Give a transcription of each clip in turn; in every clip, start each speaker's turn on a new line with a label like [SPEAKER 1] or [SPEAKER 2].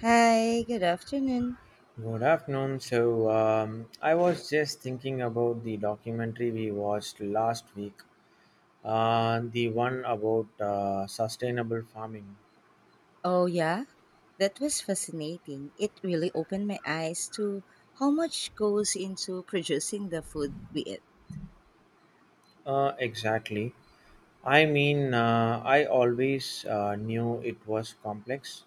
[SPEAKER 1] Hi, good afternoon.
[SPEAKER 2] Good afternoon. So, I was just thinking about the documentary we watched last week, the one about sustainable farming.
[SPEAKER 1] Oh, yeah, that was fascinating. It really opened my eyes to how much goes into producing the food we eat.
[SPEAKER 2] Exactly. I mean, I always knew it was complex,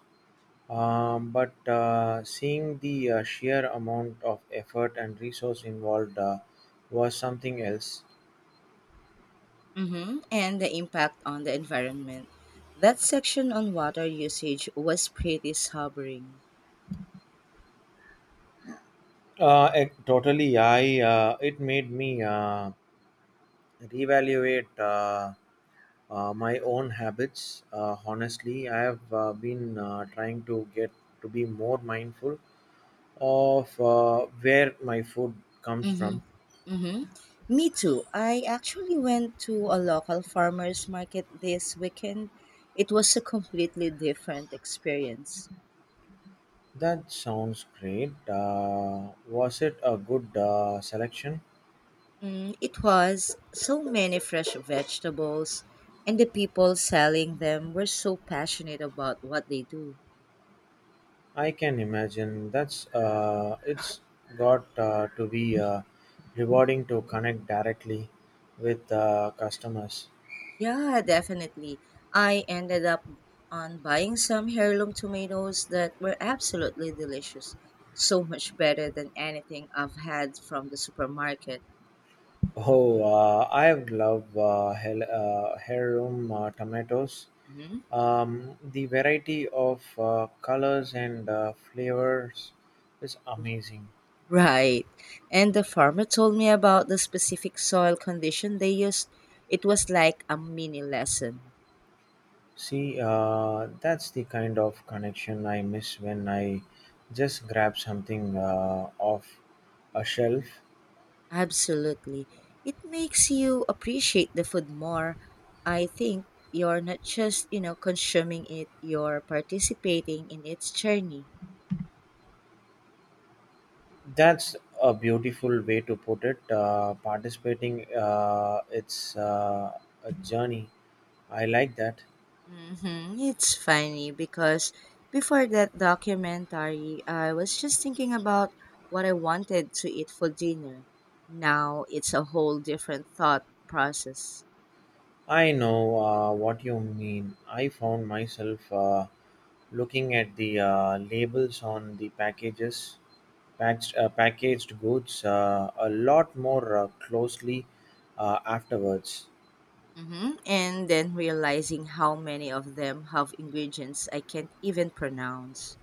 [SPEAKER 2] but seeing the sheer amount of effort and resource involved was something else.
[SPEAKER 1] And the impact on the environment. That section on water usage was pretty sobering.
[SPEAKER 2] Totally, I it made me reevaluate. My own habits, honestly, I have been trying to get to be more mindful of where my food comes from.
[SPEAKER 1] Mm-hmm. Mm-hmm. Me too. I actually went to a local farmer's market this weekend. It was a completely different experience.
[SPEAKER 2] That sounds great. Was it a good selection?
[SPEAKER 1] Mm, it was so many fresh vegetables, and the people selling them were so passionate about what they do.
[SPEAKER 2] I can imagine that's it's got to be rewarding to connect directly with customers.
[SPEAKER 1] Yeah, definitely. I ended up on buying some heirloom tomatoes that were absolutely delicious. So much better than anything I've had from the supermarket.
[SPEAKER 2] Oh, I have love heirloom tomatoes.
[SPEAKER 1] Mhm.
[SPEAKER 2] The variety of colors and flavors is amazing.
[SPEAKER 1] Right. And the farmer told me about the specific soil condition they used. It was like a mini lesson.
[SPEAKER 2] See, that's the kind of connection I miss when I just grab something off a shelf.
[SPEAKER 1] Absolutely. It makes you appreciate the food more. I think you're not just, consuming it, you're participating in its journey.
[SPEAKER 2] That's a beautiful way to put it. Participating, it's a journey. I like that.
[SPEAKER 1] It's funny because before that documentary, I was just thinking about what I wanted to eat for dinner. Now it's a whole different thought process.
[SPEAKER 2] I know what you mean. I found myself looking at the labels on the packages, packaged goods a lot more closely afterwards.
[SPEAKER 1] And then realizing how many of them have ingredients I can't even pronounce.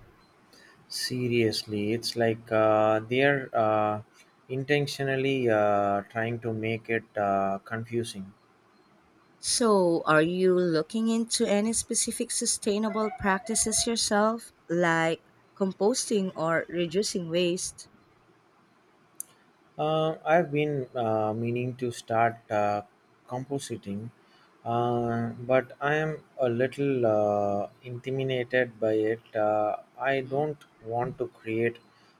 [SPEAKER 2] Seriously, it's like they're intentionally trying to make it confusing.
[SPEAKER 1] So, are you looking into any specific sustainable practices yourself, like composting or reducing waste?
[SPEAKER 2] I've been meaning to start compositing, but I am a little intimidated by it. I
[SPEAKER 1] hmm
[SPEAKER 2] don't want to create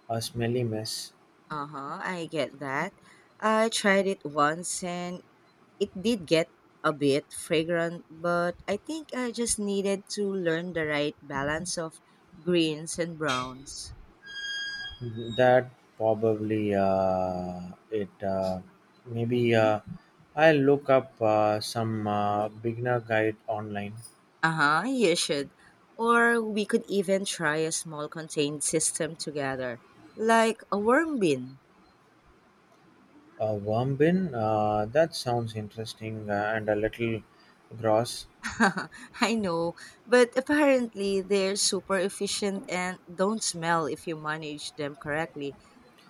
[SPEAKER 2] a smelly mess.
[SPEAKER 1] Uh huh, I get that. I tried it once and it did get a bit fragrant, but I think I just needed to learn the right balance of greens and browns.
[SPEAKER 2] That probably it. Maybe
[SPEAKER 1] hmm
[SPEAKER 2] I'll look up some beginner guide online.
[SPEAKER 1] Uh huh, you should. Or we could even try a small contained system together, like a worm bin.
[SPEAKER 2] A worm bin? That sounds interesting and a little gross.
[SPEAKER 1] I know, but apparently they're super efficient and don't smell if you manage them correctly.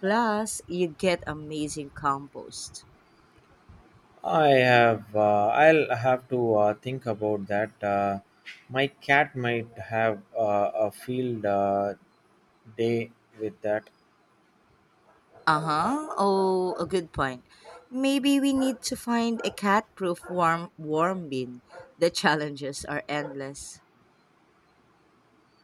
[SPEAKER 1] Plus, you get amazing compost.
[SPEAKER 2] I have. I'll have to think about that. My cat might have a field day with that.
[SPEAKER 1] Uh huh. Oh, a good point. Maybe we need to find a cat-proof warm bin. The challenges are endless.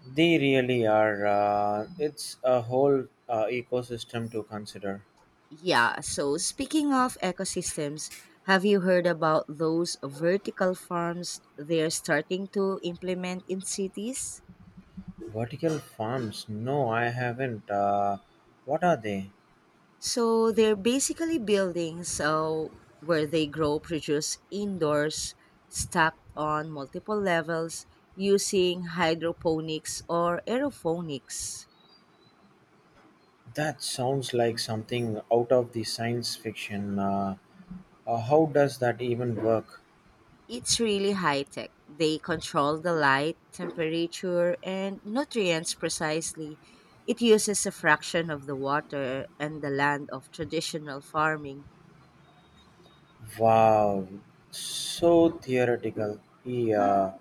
[SPEAKER 2] They really are. It's a whole ecosystem to consider.
[SPEAKER 1] Yeah. So speaking of ecosystems, have you heard about those vertical farms they're starting to implement in cities?
[SPEAKER 2] Vertical farms? No, I haven't. What are they?
[SPEAKER 1] So they're basically buildings where they grow produce indoors, stacked on multiple levels using hydroponics or aeroponics.
[SPEAKER 2] That sounds like something out of the science fiction. How does that even work?
[SPEAKER 1] It's really high tech. They control the light, temperature, and nutrients precisely. It uses a fraction of the water and the land of traditional farming.
[SPEAKER 2] Wow, so theoretical. Yeah.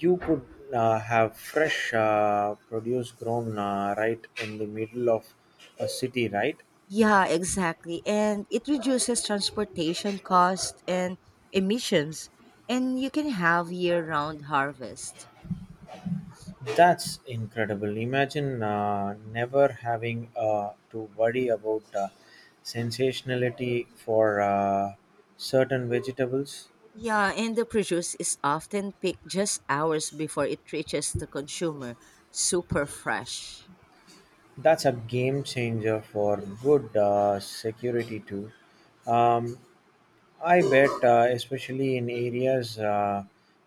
[SPEAKER 2] You could have fresh produce grown right in the middle of a city, right?
[SPEAKER 1] Yeah, exactly. And it reduces transportation cost and emissions, and you can have year-round harvest.
[SPEAKER 2] That's incredible. Imagine never having to worry about sensationality for certain vegetables.
[SPEAKER 1] Yeah, and the produce is often picked just hours before it reaches the consumer, super fresh.
[SPEAKER 2] That's a game changer for good security too. Um, I bet, especially in areas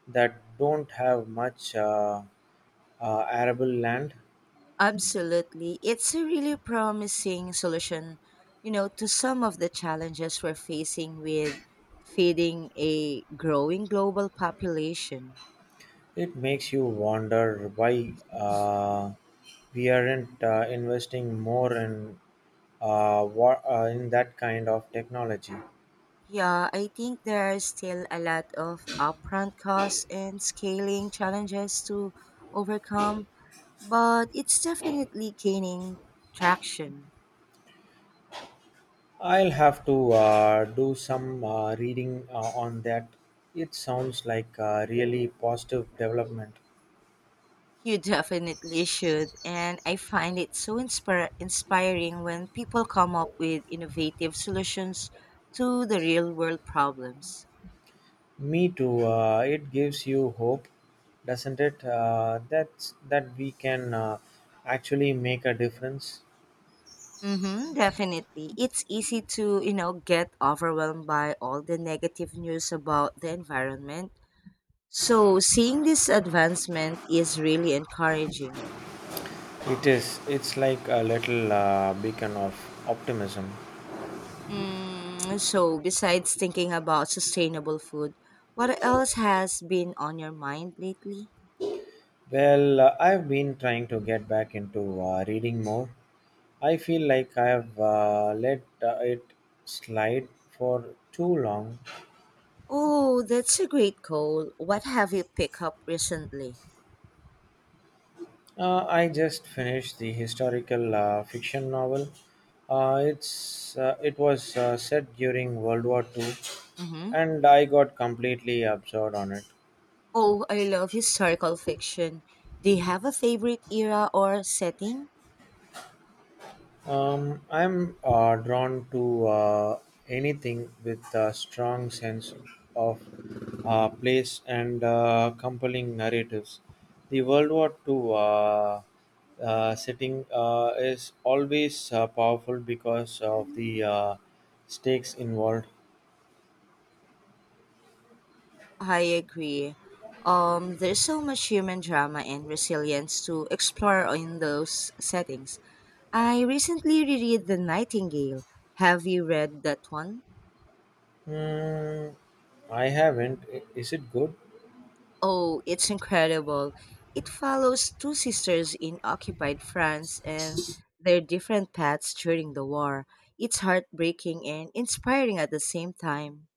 [SPEAKER 2] that don't have much. Arable land.
[SPEAKER 1] Absolutely. It's a really promising solution, to some of the challenges we're facing with feeding a growing global population.
[SPEAKER 2] It makes you wonder why we aren't investing more in, in that kind of technology.
[SPEAKER 1] Yeah, I think there are still a lot of upfront costs and scaling challenges to overcome, but it's definitely gaining traction.
[SPEAKER 2] I'll have to do some reading on that. It sounds like a really positive development.
[SPEAKER 1] You definitely should. And I find it so inspiring when people come up with innovative solutions to the real world problems.
[SPEAKER 2] Me too. It gives you hope, doesn't it? That we can actually make a difference.
[SPEAKER 1] Mm-hmm, definitely. It's easy to, get overwhelmed by all the negative news about the environment. So, seeing this advancement is really encouraging.
[SPEAKER 2] It is. It's like a little beacon of optimism.
[SPEAKER 1] Mm, so, besides thinking about sustainable food, what else has been on your mind lately?
[SPEAKER 2] Well, I've been trying to get back into reading more. I feel like I've let it slide for too long.
[SPEAKER 1] Oh, that's a great goal. What have you picked up recently?
[SPEAKER 2] I just finished the historical fiction novel. It was set during World War Two,
[SPEAKER 1] Mm-hmm.
[SPEAKER 2] and I got completely absorbed on it.
[SPEAKER 1] Oh, I love historical fiction. Do you have a favorite era or setting?
[SPEAKER 2] I'm drawn to anything with a strong sense of place and compelling narratives. The World War II setting is always powerful because of the stakes involved.
[SPEAKER 1] I agree. There's so much human drama and resilience to explore in those settings. I recently reread The Nightingale. Have you read that one?
[SPEAKER 2] Hmm, I haven't. Is it good?
[SPEAKER 1] Oh, it's incredible. It follows two sisters in occupied France and their different paths during the war. It's heartbreaking and inspiring at the same time.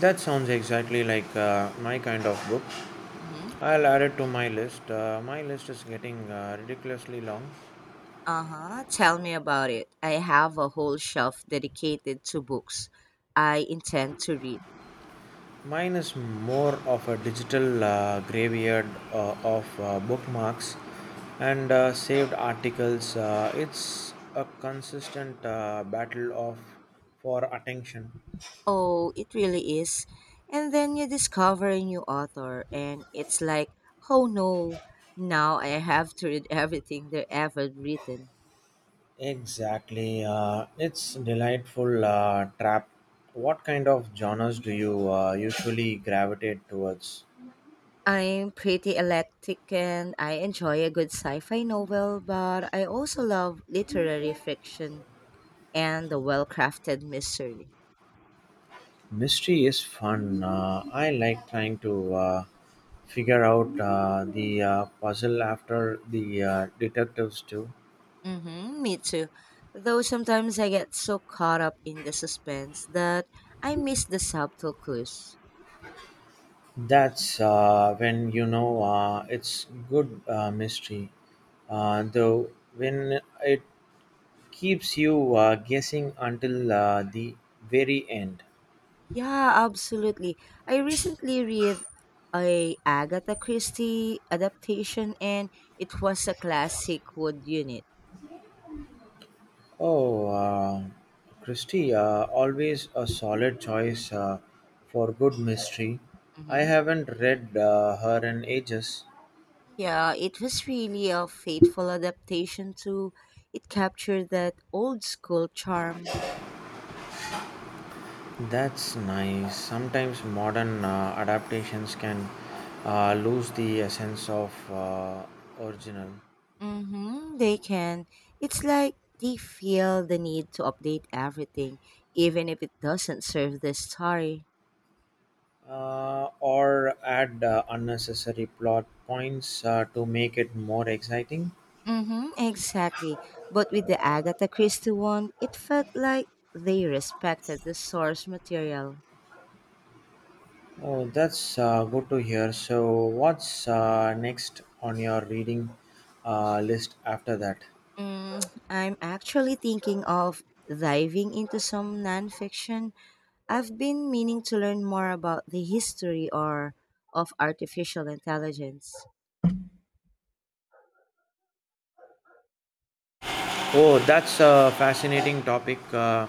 [SPEAKER 2] That sounds exactly like my kind of book.
[SPEAKER 1] Mhm.
[SPEAKER 2] I'll add it to my list. My list is getting ridiculously long.
[SPEAKER 1] Uh huh. Tell me about it. I have a whole shelf dedicated to books I intend to read.
[SPEAKER 2] Mine is more of a digital graveyard of bookmarks and saved articles. It's a consistent battle of for attention.
[SPEAKER 1] Oh, it really is. And then you discover a new author, and it's like, oh no, now I have to read everything they've ever written.
[SPEAKER 2] Exactly. It's delightful trap. What kind of genres do you usually gravitate towards?
[SPEAKER 1] I'm pretty eclectic and I enjoy a good sci fi novel, but I also love literary fiction and the well crafted mystery.
[SPEAKER 2] Mystery is fun. I like trying to figure out the puzzle after the detectives do.
[SPEAKER 1] Mm-hmm, me too. Though sometimes I get so caught up in the suspense that I miss the subtle clues.
[SPEAKER 2] That's when you know it's good mystery, though when it keeps you guessing until the very end.
[SPEAKER 1] Yeah, absolutely. I recently read a Agatha Christie adaptation and it was a classic wood unit.
[SPEAKER 2] Oh, Christy, always a solid choice for good mystery. I
[SPEAKER 1] Mm-hmm.
[SPEAKER 2] haven't read her in ages.
[SPEAKER 1] Yeah, it was really a faithful adaptation too. It captured that old school charm.
[SPEAKER 2] That's nice. Sometimes modern adaptations can lose the essence of original.
[SPEAKER 1] Mm-hmm, they can. It's like they feel the need to update everything, even if it doesn't serve the story.
[SPEAKER 2] Or add unnecessary plot points to make it more exciting.
[SPEAKER 1] Mm-hmm, exactly. But with the Agatha Christie one, it felt like they respected the source material.
[SPEAKER 2] Oh, that's good to hear. So, what's next on your reading list after that?
[SPEAKER 1] Mm, I'm actually thinking of diving into some nonfiction. I've been meaning to learn more about the history or of artificial intelligence.
[SPEAKER 2] Oh, that's a fascinating topic. Uh,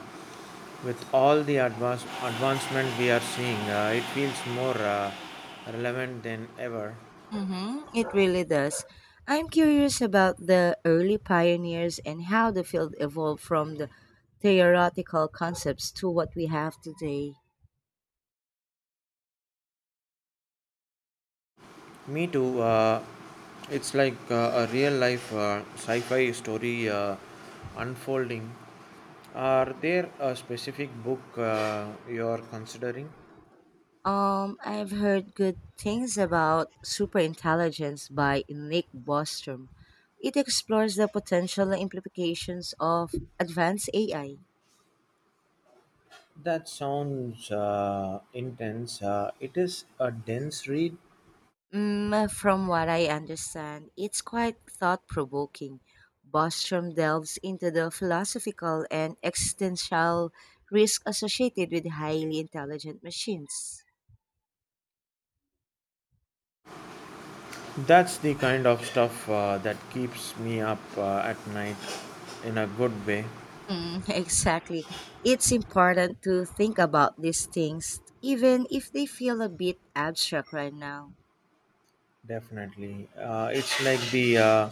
[SPEAKER 2] with all the advancement we are seeing, it feels more relevant than ever.
[SPEAKER 1] Mm-hmm, it really does. I'm curious about the early pioneers and how the field evolved from the theoretical concepts to what we have today.
[SPEAKER 2] Me too. It's like a real life sci fi story unfolding. Are there a specific book you're considering?
[SPEAKER 1] I've heard good things about Superintelligence by Nick Bostrom. It explores the potential implications of advanced AI.
[SPEAKER 2] That sounds intense. It is a dense read.
[SPEAKER 1] Mm, from what I understand, it's quite thought provoking. Bostrom delves into the philosophical and existential risk associated with highly intelligent machines.
[SPEAKER 2] That's the kind of stuff that keeps me up at night in a good way.
[SPEAKER 1] Mm, exactly. It's important to think about these things, even if they feel a bit abstract right now.
[SPEAKER 2] Definitely. It's like the uh,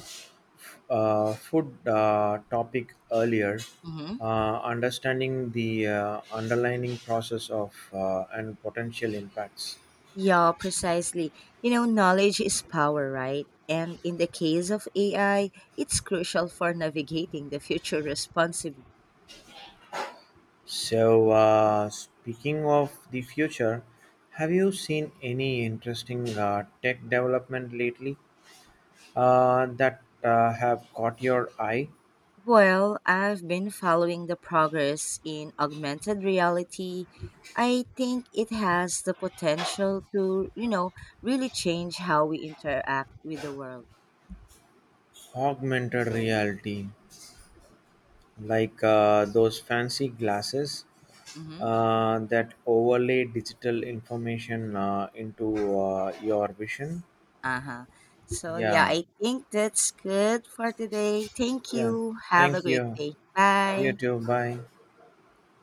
[SPEAKER 2] uh, food topic earlier.
[SPEAKER 1] hmm
[SPEAKER 2] Understanding the underlining process of and potential impacts.
[SPEAKER 1] Yeah, precisely. You know, knowledge is power, right? And in the case of AI, it's crucial for navigating the future responsibly.
[SPEAKER 2] So, speaking of the future, have you seen any interesting tech development lately that have caught your eye?
[SPEAKER 1] Well, I've been following the progress in augmented reality. I think it has the potential to, really change how we interact with the world.
[SPEAKER 2] Augmented reality, like those fancy glasses
[SPEAKER 1] Mm-hmm.
[SPEAKER 2] that overlay digital information into your vision.
[SPEAKER 1] Uh huh. So, yeah,
[SPEAKER 2] Yeah,
[SPEAKER 1] I think that's good for today. Thank
[SPEAKER 2] yeah.
[SPEAKER 1] you. Have
[SPEAKER 2] Thank
[SPEAKER 1] a great
[SPEAKER 2] you.
[SPEAKER 1] day.
[SPEAKER 2] You
[SPEAKER 1] Bye.
[SPEAKER 2] too. Bye.